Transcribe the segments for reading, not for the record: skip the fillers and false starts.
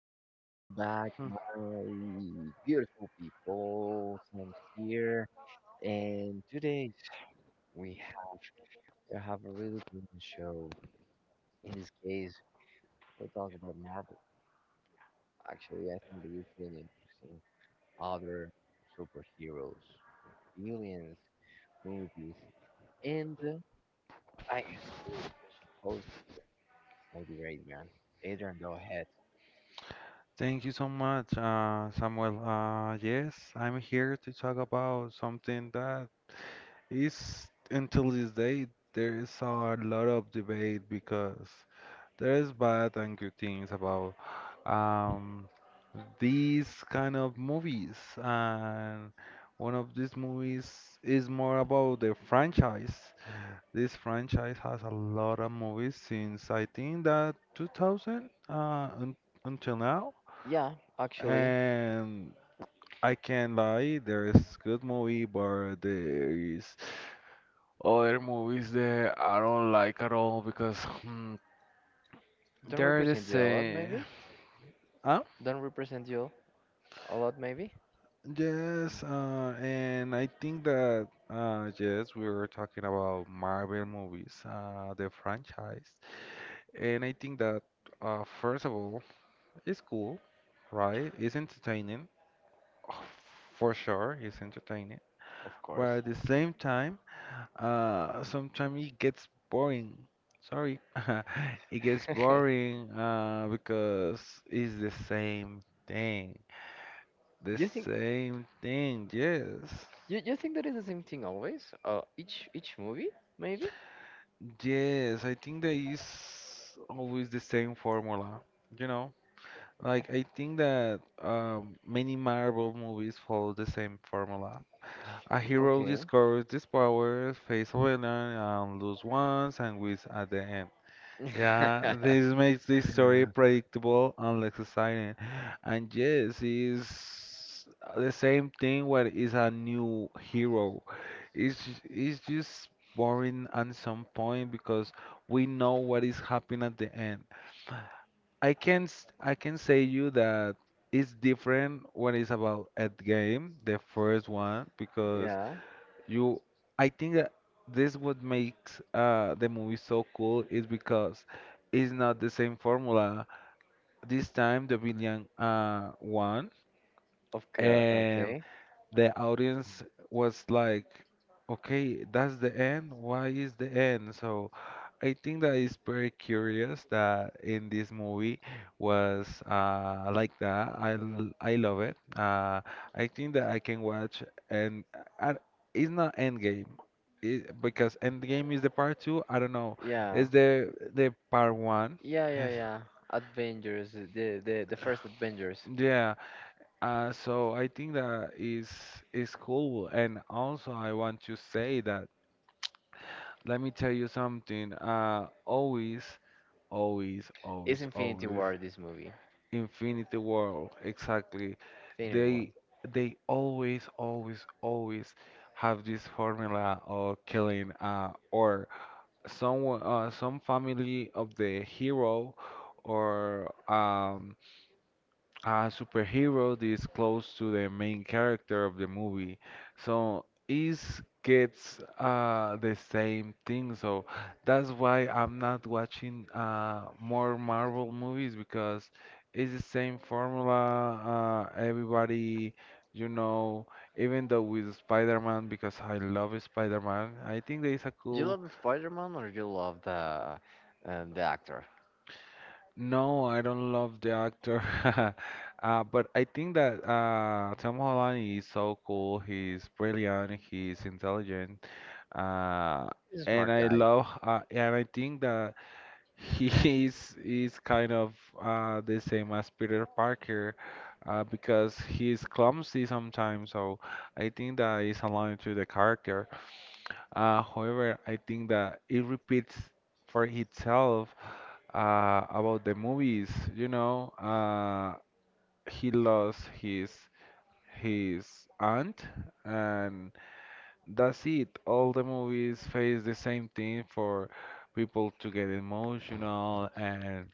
welcome back, Hmm. my beautiful people. Sam's here, and today we have a really brilliant show. In this case, we're talking about Marvel. Actually, I think it is really interesting. Other superheroes, villains, movies, and I host my dear Adrian. Adrian, go ahead. Thank you so much, Samuel. Yes, I'm here to talk about something that is, until this day, there is a lot of debate because there is bad and good things about um, these kind of movies. And one of these movies is more about the franchise. This franchise has a lot of movies since I think that 2000 un until now. Yeah, actually, And I can't lie, there is good movie, but there is other movies that I don't like at all because don't they're the represent you a lot, same. maybe. Huh? Don't represent you. A lot, maybe. Yes, and I think that yes, we were talking about Marvel movies, the franchise, and I think that first of all, it's cool, right? It's entertaining, oh, for sure, it's entertaining, Of but course. at the same time. Sometimes it gets boring. Sorry, it gets boring because it's the same thing. The you think same thing, yes. you think that is the same thing always? Each movie, maybe. Yes, I think that is always the same formula, you know? Yeah. Like, I think that many Marvel movies follow the same formula. A hero Okay. discovers his powers, face a villain, and lose once and wins at the end. Yeah, this makes this story predictable and less exciting. And yes, it's the same thing where is a new hero. It's just boring at some point because we know what is happening at the end. I can say you that it's different when it's about Endgame, the first one, because yeah. you, I think that this what makes the movie so cool is because it's not the same formula. This time the villain won, Okay. and Okay. the audience was like, okay, that's the end. Why is the end? So I think that is very curious that in this movie was like that. I love it. I think that I can watch and and it's not Endgame. It, because Endgame is the part two. I don't know. Yeah. It's the part one. Yeah. Yeah. Yes. Yeah. Avengers. The first Avengers Yeah. So I think that is cool, and also I want to say that let me tell you something. Always, always, is always, Infinity always. War. This movie. Infinity World, exactly. Infinity War. They they always, always, always have this formula of killing or some family of the hero or a superhero that is close to the main character of the movie. So it gets the same thing. So that's why I'm not watching more Marvel movies because it's the same formula. Everybody, you know, even though with Spider-Man, because I love Spider-Man, I think there is a You cool. love Spider-Man or you love the actor? No, I don't love the actor. But I think that Tom Holland is so cool. He's brilliant. He's intelligent. Uh, He's a and smart I guy. love, and I think that he is kind of the same as Peter Parker because he's clumsy sometimes. So I think that is aligned to the character. However, I think that it repeats for itself about the movies. You know, he lost his aunt, and that's it. All the movies face the same thing for people to get emotional, and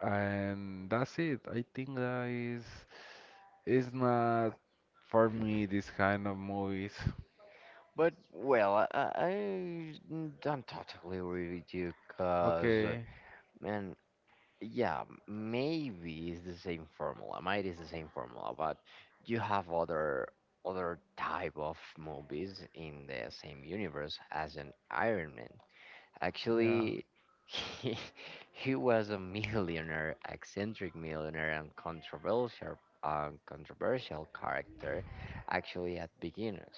and that's it. I think that is not for me this kind of movies. But well, I don't totally agree with you, cause Okay, man, yeah, maybe it's the same formula. Might is the same formula, but you have other type of movies in the same universe as an Iron Man. yeah, Actually, he, he was a millionaire, eccentric millionaire, and controversial, controversial character. Actually, at beginners,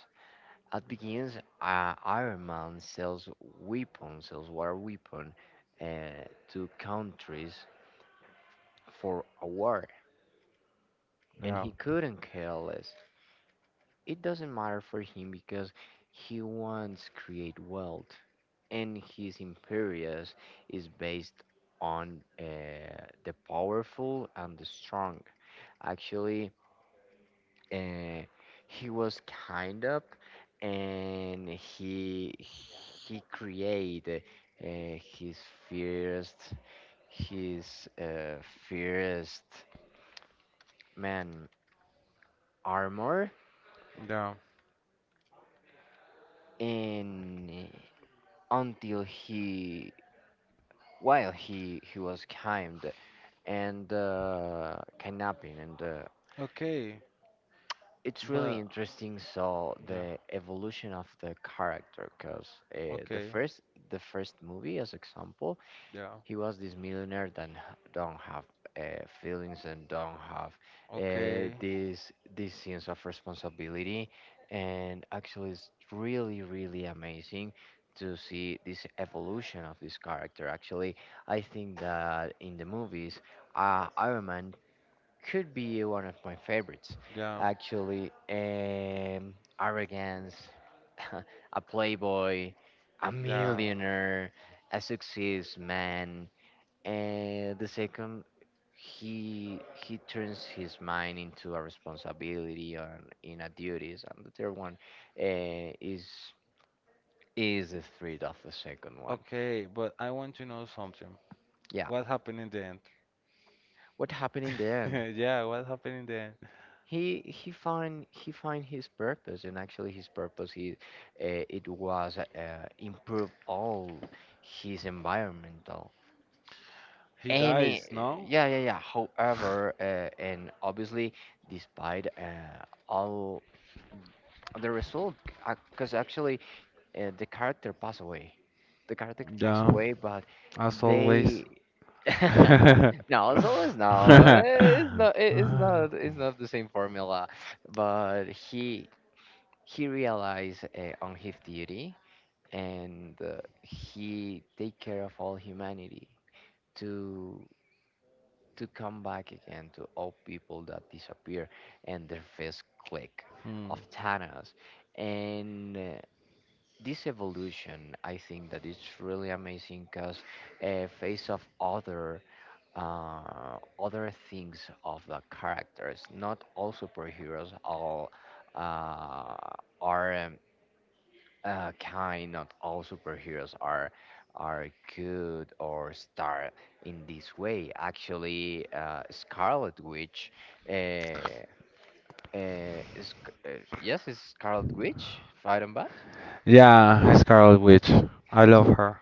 at beginnings, Iron Man sells weapons, sells war weapon, uh, to countries for a war, and yeah, he couldn't care less. It doesn't matter for him because he wants create wealth. And his imperious is based on the powerful and the strong. Actually, uh, he was kind of, and he created uh, his first his first man armor, yeah. and until he while he was kind and kidnapping and Okay, it's really but interesting. So yeah, the evolution of the character, because uh, the okay, first the first movie, as example, yeah, he was this millionaire that don't have feelings and don't have okay, this this sense of responsibility, and actually, it's really really amazing to see this evolution of this character. Actually, I think that in the movies, Iron Man could be one of my favorites, yeah. actually. Arrogance, a playboy, a Yeah. millionaire, a success man. And the second, he turns his mind into a responsibility and in a duties. And the third one, uh, is is the threat of the second one. Okay, but I want to know something. Yeah. What happened in the end? What happened in the end? Yeah, what happened in the end? He find his purpose and actually his purpose he it was improve all his environmental He dies, any no? yeah yeah yeah however and obviously despite all the result because actually the character passed away the character passed Yeah, away but as always. they no it's always no it's not it's not it's not the same formula but he realized on his duty and he take care of all humanity to to come back again to all people that disappear and their first click Hmm. of Thanos and this evolution I think that it's really amazing because a face of other other things of the characters not all superheroes all uh, are kind not all superheroes are good or star in this way actually scarlet witch uh, uh, Sc- uh, yes is scarlet witch fight and bat Yeah, Scarlet Witch. I love her.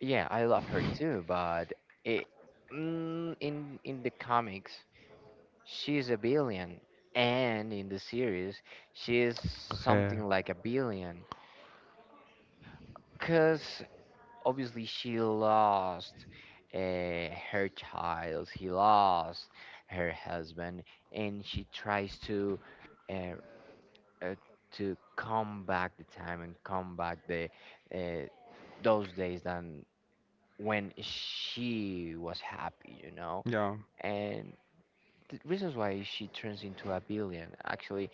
yeah I love her too but it, mm, in the comics she's a billion and in the series she is Okay. something like a billion because obviously she lost her child she lost her husband and she tries uh, uh, to come back the time and come back the uh, those days than when she was happy you know Yeah. and the reasons why she turns into a villain actually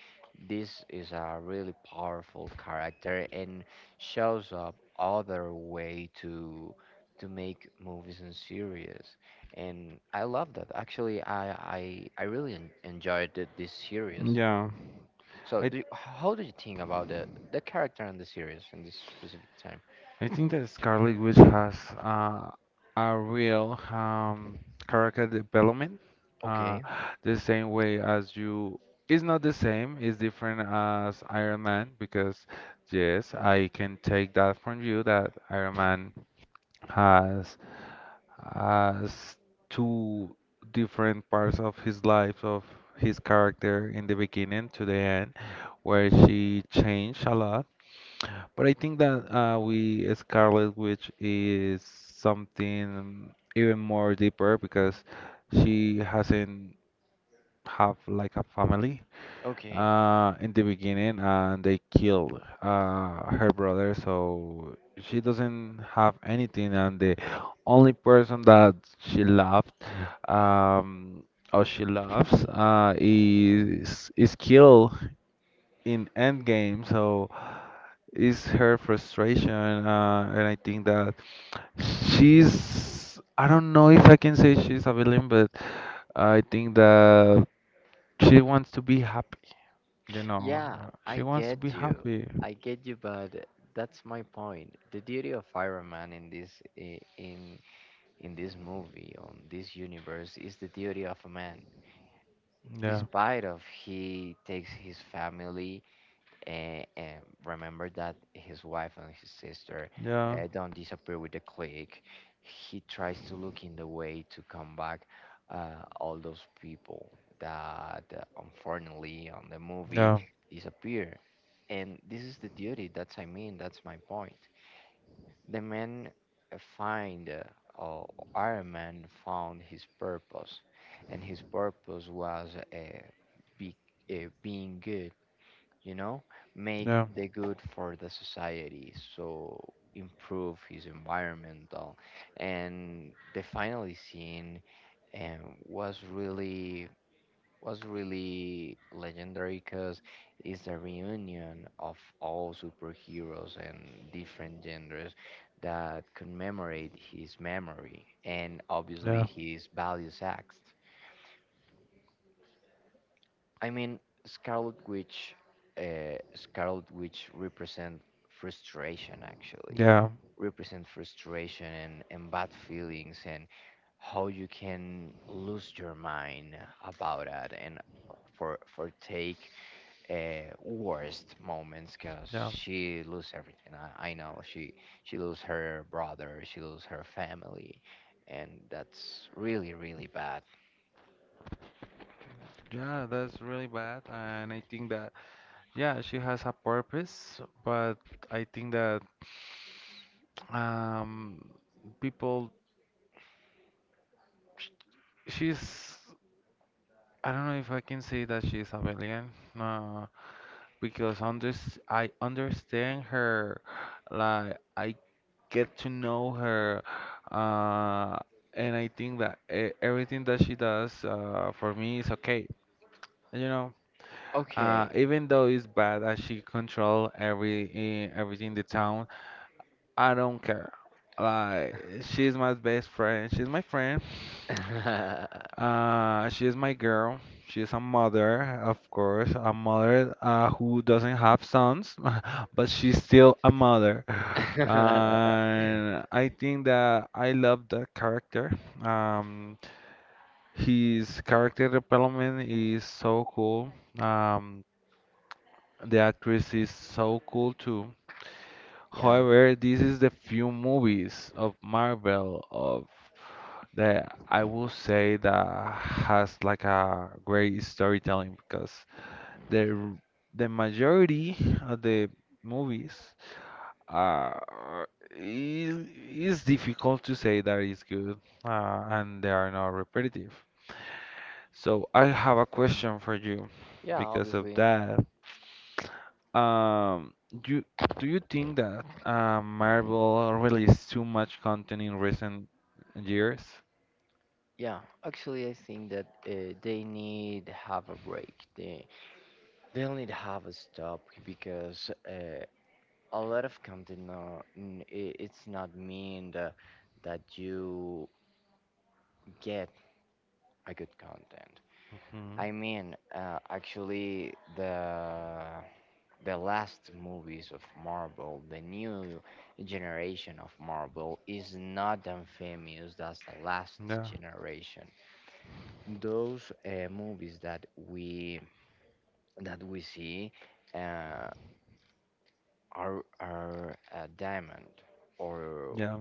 this is a really powerful character and shows up other way to make movies and series and I love that actually I really enjoyed this series Yeah. so I do you, how do you think about the character in the series in this specific time I think that Scarlet Witch has uh, a real character development, uh, okay the same way as you. It's not the same, it's different as Iron Man because, yes, I can take that from you that Iron Man has, has two different parts of his life, of his character in the beginning to the end, where she changed a lot, but I think that we Scarlet Witch is something even more deeper because she hasn't have like a family okay in the beginning, and they killed her brother, so she doesn't have anything, and the only person that she loved, um, or she loves, is killed in Endgame, so is her frustration, and I think that she's, I don't know if I can say she's a villain, but I think that she wants to be happy, you know, Yeah, I she wants to be get you. happy. I get you, but that's my point. The duty of Iron Man in this i- in in this movie on this universe is the duty of a man. Yeah, Despite of he takes his family and remember that his wife and his sister yeah, don't disappear with the clique. He tries to look in the way to come back all those people that unfortunately on the movie yeah, disappear. And this is the duty. That's I mean. That's my point. The man find or Iron Man found his purpose, and his purpose was be, being good you know, make yeah, the good for the society, so improve his environmental. And the final scene um, was really was really legendary because it's the reunion of all superheroes and different genders that commemorate his memory and obviously his values acts. I mean, Scarlet Witch, Scarlet Witch represent frustration actually, yeah, represent frustration and bad feelings and how you can lose your mind about it and for take worst moments because yeah, yeah. she lose everything. I know she lose her brother, she lose her family, and that's really really bad. Yeah, that's really bad. And I think that, yeah, she has a purpose, but I think that um, people, she's, I don't know if I can say that she's a villain, no, because under, I understand her, like, I get to know her, uh, and I think that everything that she does for me is okay, you know. Okay. Even though it's bad as she control every everything in the town, I don't care. Like she's my best friend. She's my friend. She is my girl. She is a mother, of course, a mother who doesn't have sons, but she's still a mother. And I think that I love the character. Um, his character development is so cool. Um, the actress is so cool too. Yeah, However, this is the few movies of Marvel of that I will say that has like a great storytelling because the the majority of the movies are is difficult to say that is good, and they are not repetitive. So I have a question for you yeah, because of obviously. that. Um, do do you think that Marvel released too much content in recent years? Yeah, actually, I think that they need have a break. They'll need have a stop because a lot of content now, it's not mean that that you get a good content. Hmm. I mean, actually, the last movies of Marvel, the new generation of Marvel, is not as famous as the last Yeah, generation those movies that we see uh, are a diamond or yeah,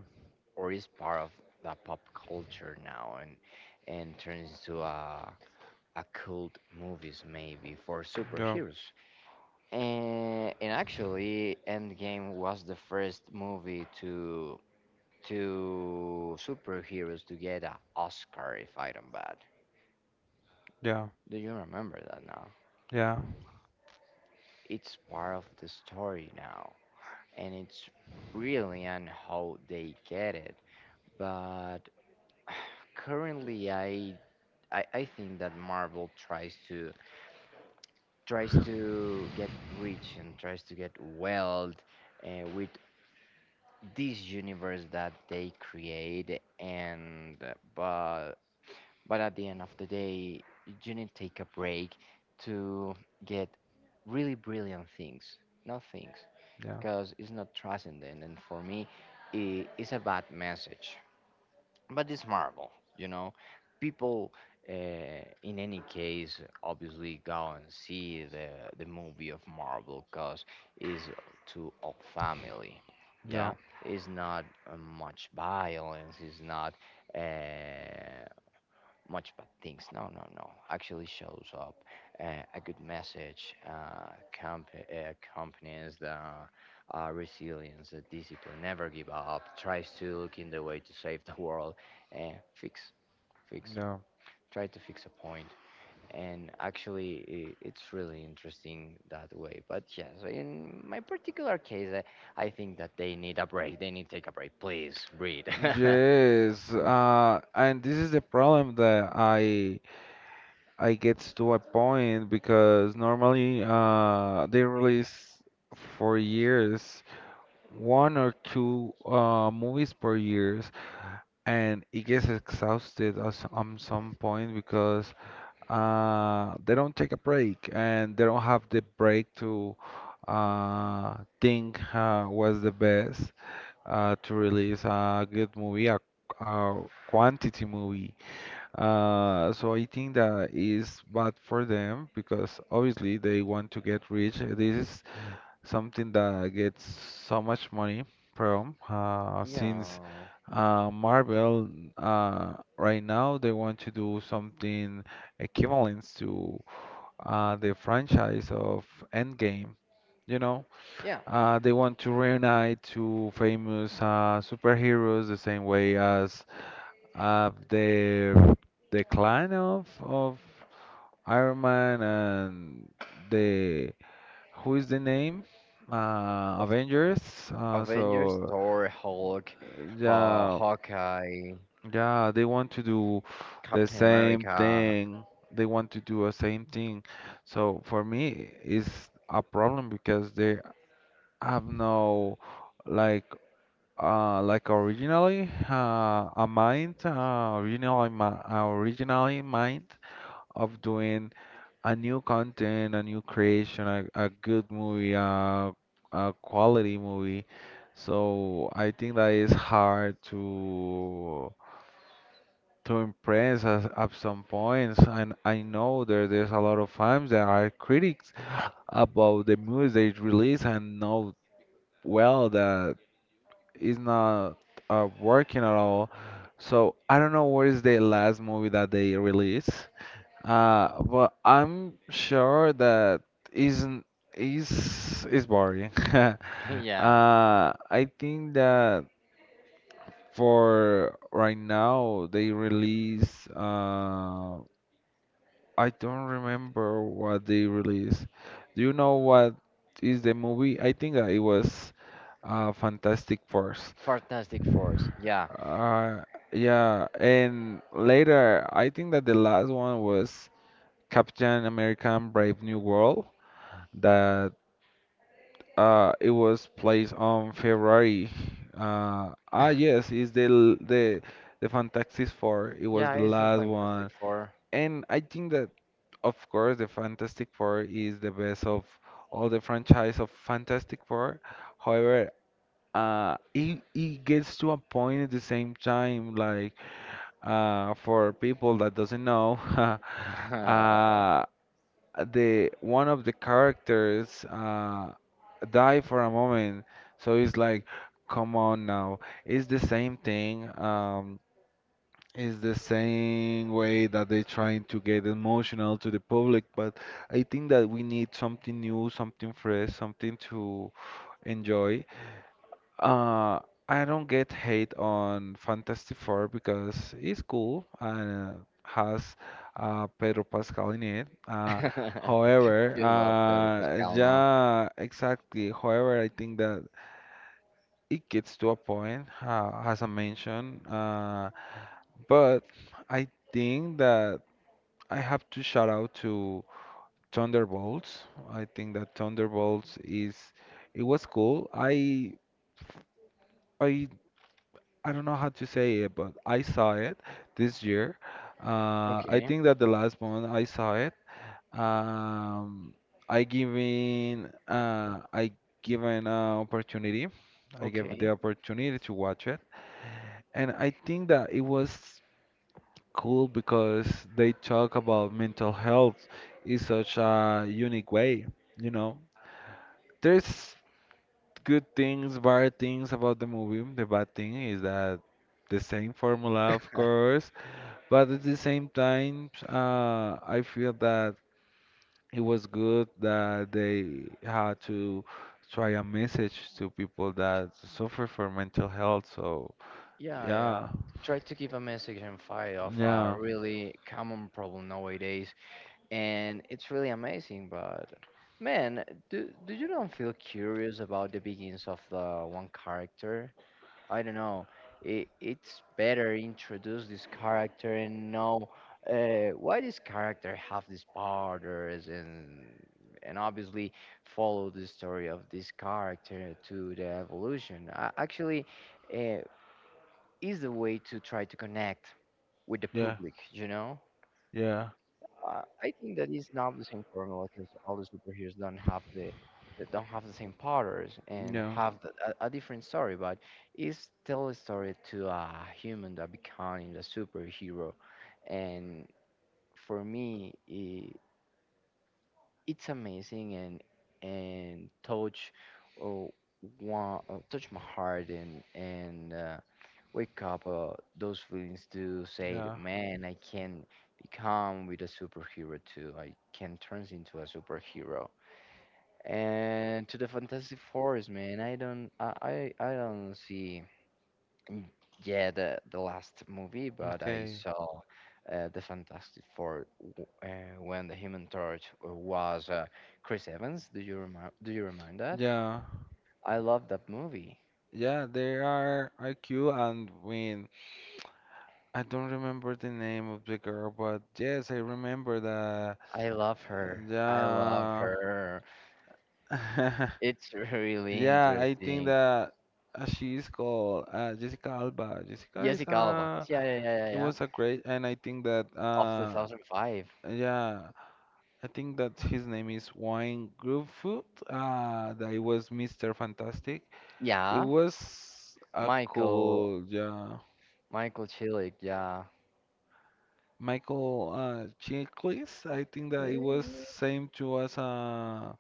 or is part of the pop culture now and turns into a cult movies maybe for yeah, superheroes and actually Endgame was the first movie to superheroes to get an Oscar if I don't bad. yeah, Do you remember that now? yeah, It's part of the story now and it's brilliant how they get it. But currently, I think that Marvel tries to tries to get rich and tries to get wealth with this universe that they create. And but at the end of the day, you need to take a break to get really brilliant things. No things. yeah, Because it's not transcendent, and for me, I it's a bad message. But it's Marvel, you know. People, in any case, obviously go and see the movie of Marvel because it's to all family. yeah, Yeah, it's not much violence. It's not. Uh, much bad things. No, no, no. Actually, shows up a good message. Camp companies the resilience, the discipline, never give up. Tries to look in the way to save the world. Fix, fix. yeah. Try to fix a point. And actually, I it's really interesting that way. But yes, in my particular case, I think that they need a break. They need to take a break. Please breathe. Yes, Uh, uh, and this is the problem that I get to a point because normally they release for years one or two movies per year, and it gets exhausted at some point because they don't take a break and they don't have the break to think what's the best to release a good movie, a quantity movie. So I think that is bad for them because obviously they want to get rich. This is something that gets so much money from, since yeah, Marvel, right now they want to do something equivalent to the franchise of Endgame. You know, yeah. They want to reunite two famous superheroes the same way as uh, the the clan of Iron Man and the, who is the name? Of Avengers. Uh, Avengers, so Thor, Hulk, yeah, Hawkeye, yeah, they want to do the Captain same America. thing. They want to do a same thing. So for me, it's a problem because they have no, like, originally, a mind, originally mi- originally mind of doing a new content, a new creation, a good movie, a quality movie. So I think that is hard to impress at, some points. And I know there's a lot of fans that are critics about the movies they release and know well that it's not working at all. So I don't know what is the last movie that they released. Well, I'm sure that isn't, is boring. yeah, I think that for right now they release. I don't remember what they released. Do you know what is the movie? I think that it was Fantastic Four. Fantastic Force. Yeah, Uh, yeah, and later I think that the last one was Captain American: Brave New World, that it was placed on February. Ah yes, it's the l- the Fantastic Four. It was yeah, the it's a last Fantastic one, Four. and I think that of course the Fantastic Four is the best of all the franchise of Fantastic Four. However, it gets to a point at the same time, like, for people that doesn't know. you uh the one of the characters die for a moment, so it's like, come on now, it's the same thing. It's the same way that they're trying to get emotional to the public, but I think that we need something new, something fresh, something to enjoy. uh, I don't get hate on Fantastic Four because it's cool, and has Pedro Pascal in it. However, love Pedro Pascal now. yeah, exactly. However, I think that it gets to a point, as I mentioned. But I think that I have to shout out to Thunderbolts. I think that Thunderbolts is, it was cool. I I don't know how to say it, but I saw it this year. I Okay, think that the last one I saw it. Um, I given an opportunity. I gave the okay. opportunity to watch it, and I think that it was cool because they talk about mental health in such a unique way. You know, there's good things, bad things about the movie. The bad thing is that the same formula, of course. But at the same time, I feel that it was good that they had to try a message to people that suffer for mental health. So Yeah, yeah. yeah, Try to give a message and fight of a yeah, really common problem nowadays, and it's really amazing. But man, do you don't feel curious about the beginnings of the one character? I don't know. It, it's better introduce this character and know why this character have these powers and obviously follow the story of this character to the evolution. Actually, uh, is the way to try to connect with the yeah, public. You know? yeah, I think that it's not the same formula because all the superheroes don't have the that don't have the same powers and yeah, have the, a different story, but it's still a story to a human that becoming a superhero. And for me, I it's amazing and touch uh, one, touch my heart and wake up those feelings to say, yeah. man, I can become with a superhero too. I can turn into a superhero. And to the Fantastic Forest, man, I don't see, mm, yeah, the last movie, but I Okay. saw the Fantastic Four when the Human Torch was Chris Evans. Do you remember? Do you remember that? Yeah. I love that movie. Yeah, there are IQ and Win. I don't remember the name of the girl, but yes, I remember that. I love her. I love Yeah. her. It's really Yeah, I think interesting. that she is called Jessica Alba. Jessica is Jessica Alba. a, Yeah, yeah, yeah, yeah, it yeah. was a great, and I think that Of 2005. yeah, I think that his name is Wayne Gruffudd. That it was Mr. Fantastic. It Yeah. was a Michael, cool, yeah. Michael Chilik. Yeah. Michael Chiklis. I think that it was Eh, same to us.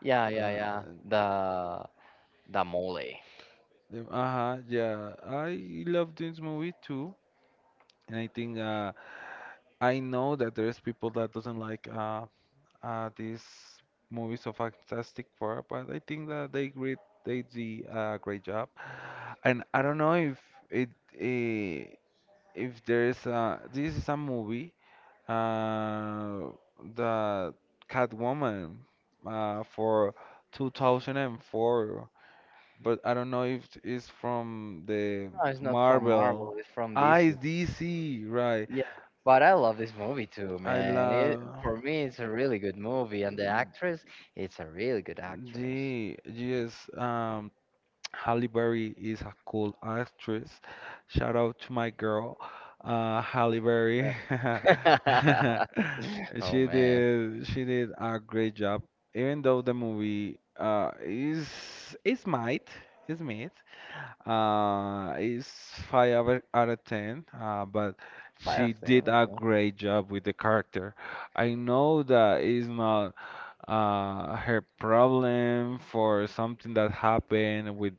yeah, yeah, uh, yeah. The the mole. uh-huh, yeah. I love this movie too. And I think I know that there's people that doesn't like these movies of Fantastic Four, but I think that they great they did a great job. And I don't know if it eh, if there's this is a movie uh, the Catwoman for 2004, but I don't know if it's from the No, it's not from Marvel. Marvel. It's from I DC. D C, right? Yeah, but I love this movie too, I man. It, love. for me, it's a really good movie, and the actress, it's a really good actress. The yes, Halle Berry is a cool actress. Shout out to my girl, Halle Berry. oh She man. did she did a great job, even though the movie is mid. Is five out of ten. But Five she of them, did a okay. great job with the character. I know that is not her problem for something that happened with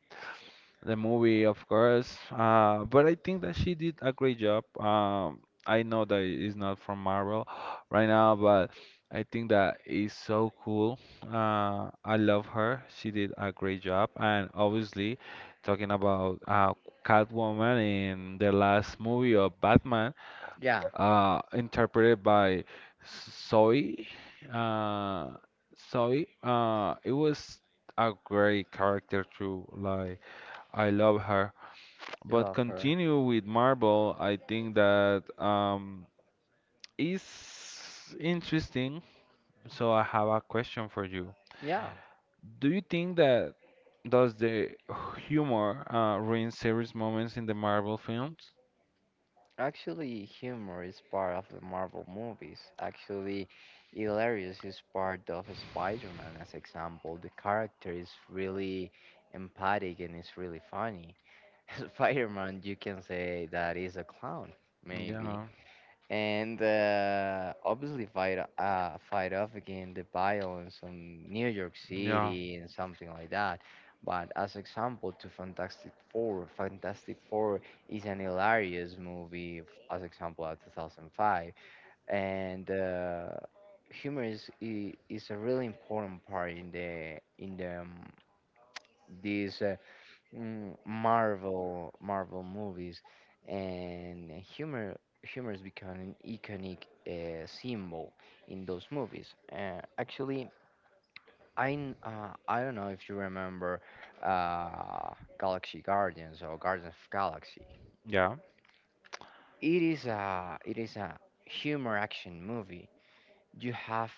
the movie, of course. But I think that she did a great job. I know that it's not from Marvel right now, but I think that is so cool. I love her. She did a great job, and obviously, talking about Catwoman in the last movie of Batman Yeah, interpreted by Zoe. Uh, Zoe, it was a great character too. Like I love her. you But love her. continue with Marvel. I think that is interesting. So I have a question for you. Yeah, Do you think that does the humor ruin serious moments in the Marvel films? actually, humor is part of the Marvel movies. Actually, hilarious is part of Spider-Man, as example. The character is really empathic and it's really funny. Spider-Man, you can say that is a clown, maybe. Yeah, And obviously fight off again the violence on New York yeah, City and something like that. But as example to Fantastic Four, Fantastic Four is an hilarious movie. As example, at 2005, and humor is a really important part in the this Marvel Marvel movies, and humor humor has become an iconic symbol in those movies. Actually, I don't know if you remember uh, Galaxy Guardians or Guardians of Galaxy. yeah. It is a humor action movie. You have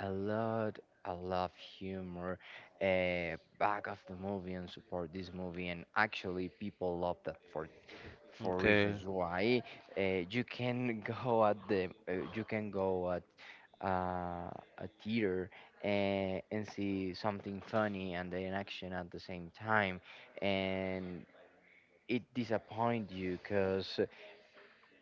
a lot a lot of humor back of the movie and support this movie and actually people love that for Okay. reasons why you can go at the you can go at uh, a theater and see something funny and then action at the same time and it disappoint you because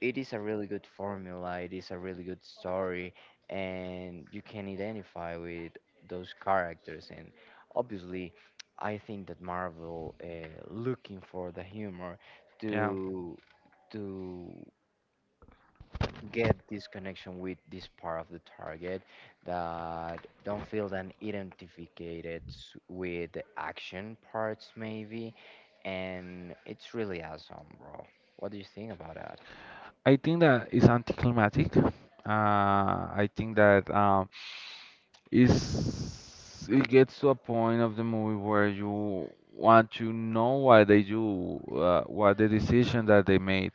it is a really good formula it is a really good story and you can identify with those characters and obviously I think that marvel looking for the humor Yeah. to to get this connection with this part of the target that don't feel then identified with the action parts maybe and it's really awesome bro what do you think about that I think that it's anticlimactic. I think that is it gets to a point of the movie where you want to know why they do what the decision that they made.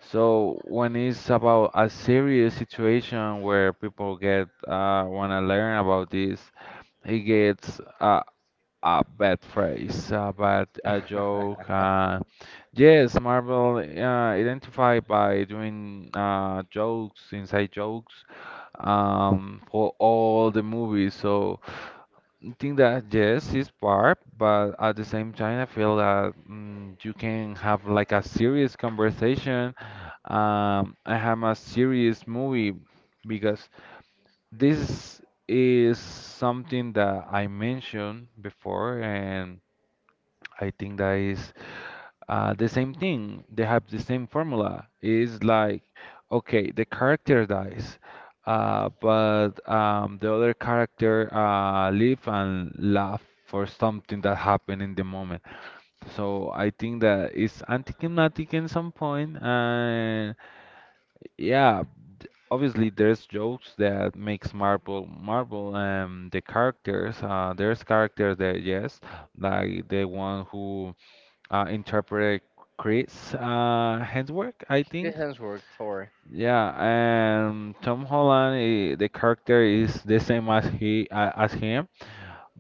So when it's about a serious situation where people get want to learn about this, it gets a bad phrase, a bad a joke. Yes, Marvel identified by doing jokes, inside jokes, for all the movies. So I think that yes, it's part, but at the same time, I feel that mm, you can have like a serious conversation. I have a serious movie because this is something that I mentioned before and. I think that is the same thing. They have the same formula. It's like, okay, the character dies, but the other character live and laugh for something that happened in the moment. So I think that it's anticlimactic in some point, and yeah, obviously there's jokes that makes Marvel Marvel, and the characters, there's characters that yes, like the one who interpreted Chris Hemsworth, I good think. handswork thor Yeah, and Tom Holland, the character is the same as he as him,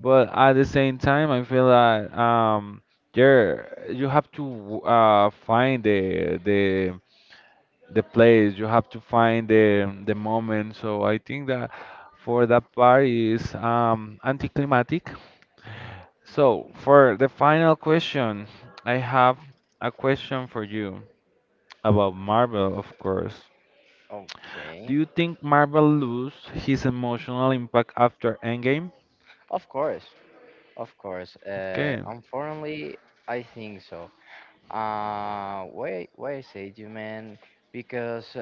but at the same time, I feel that there you have to find the the place, you have to find the moment. So I think that for that part is anticlimactic. So for the final question, I have a question for you. About Marvel, of course. Do okay you think Marvel lose his emotional impact after Endgame? of course of course Okay. unfortunately I think so Why why I say you man because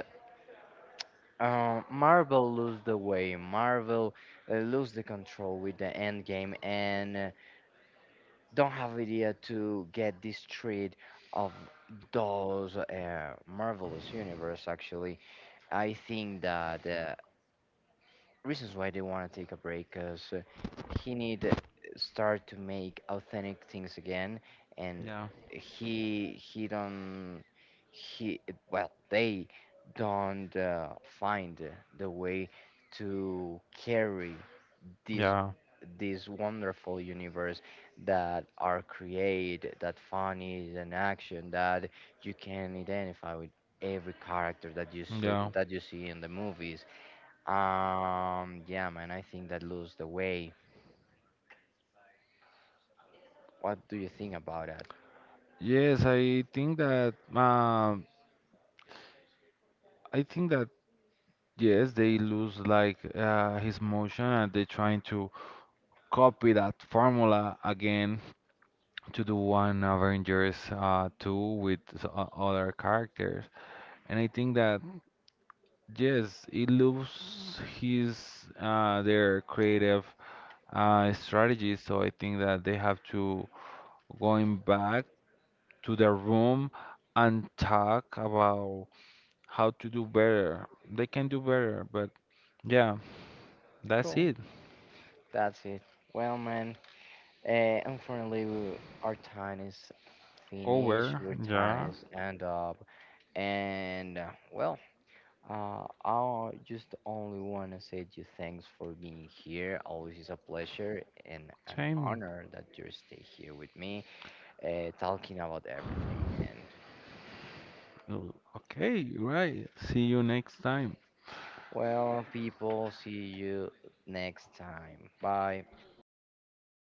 Marvel lose the way. Marvel lose the control with the end game and don't have idea to get this trade of those marvelous universe. Actually, I think that reasons why they want to take a break because he need to start to make authentic things again and Yeah. He don't he well they don't find the way to carry this Yeah. this wonderful universe that are create that fun is an action that you can identify with every character Yeah. that you see in the movies yeah, man, I think that lose the way. What do you think about that? Yes, I think that. I think that yes, they lose like his motion, and they're trying to copy that formula again to do one Avengers two with other characters. And I think that yes, it loses his their creative strategies. So I think that they have to going back to their room and talk about how to do better. They can do better, but yeah, that's Cool, it. that's it. Well, man, unfortunately, our time is finished. Over. Our time Yeah, is end up, and well, I just only want to say to you thanks for being here. Always is a pleasure and an same. honor that you stay here with me, talking about everything, man. Oh, okay, right. See you next time. Well, people, see you next time. Bye.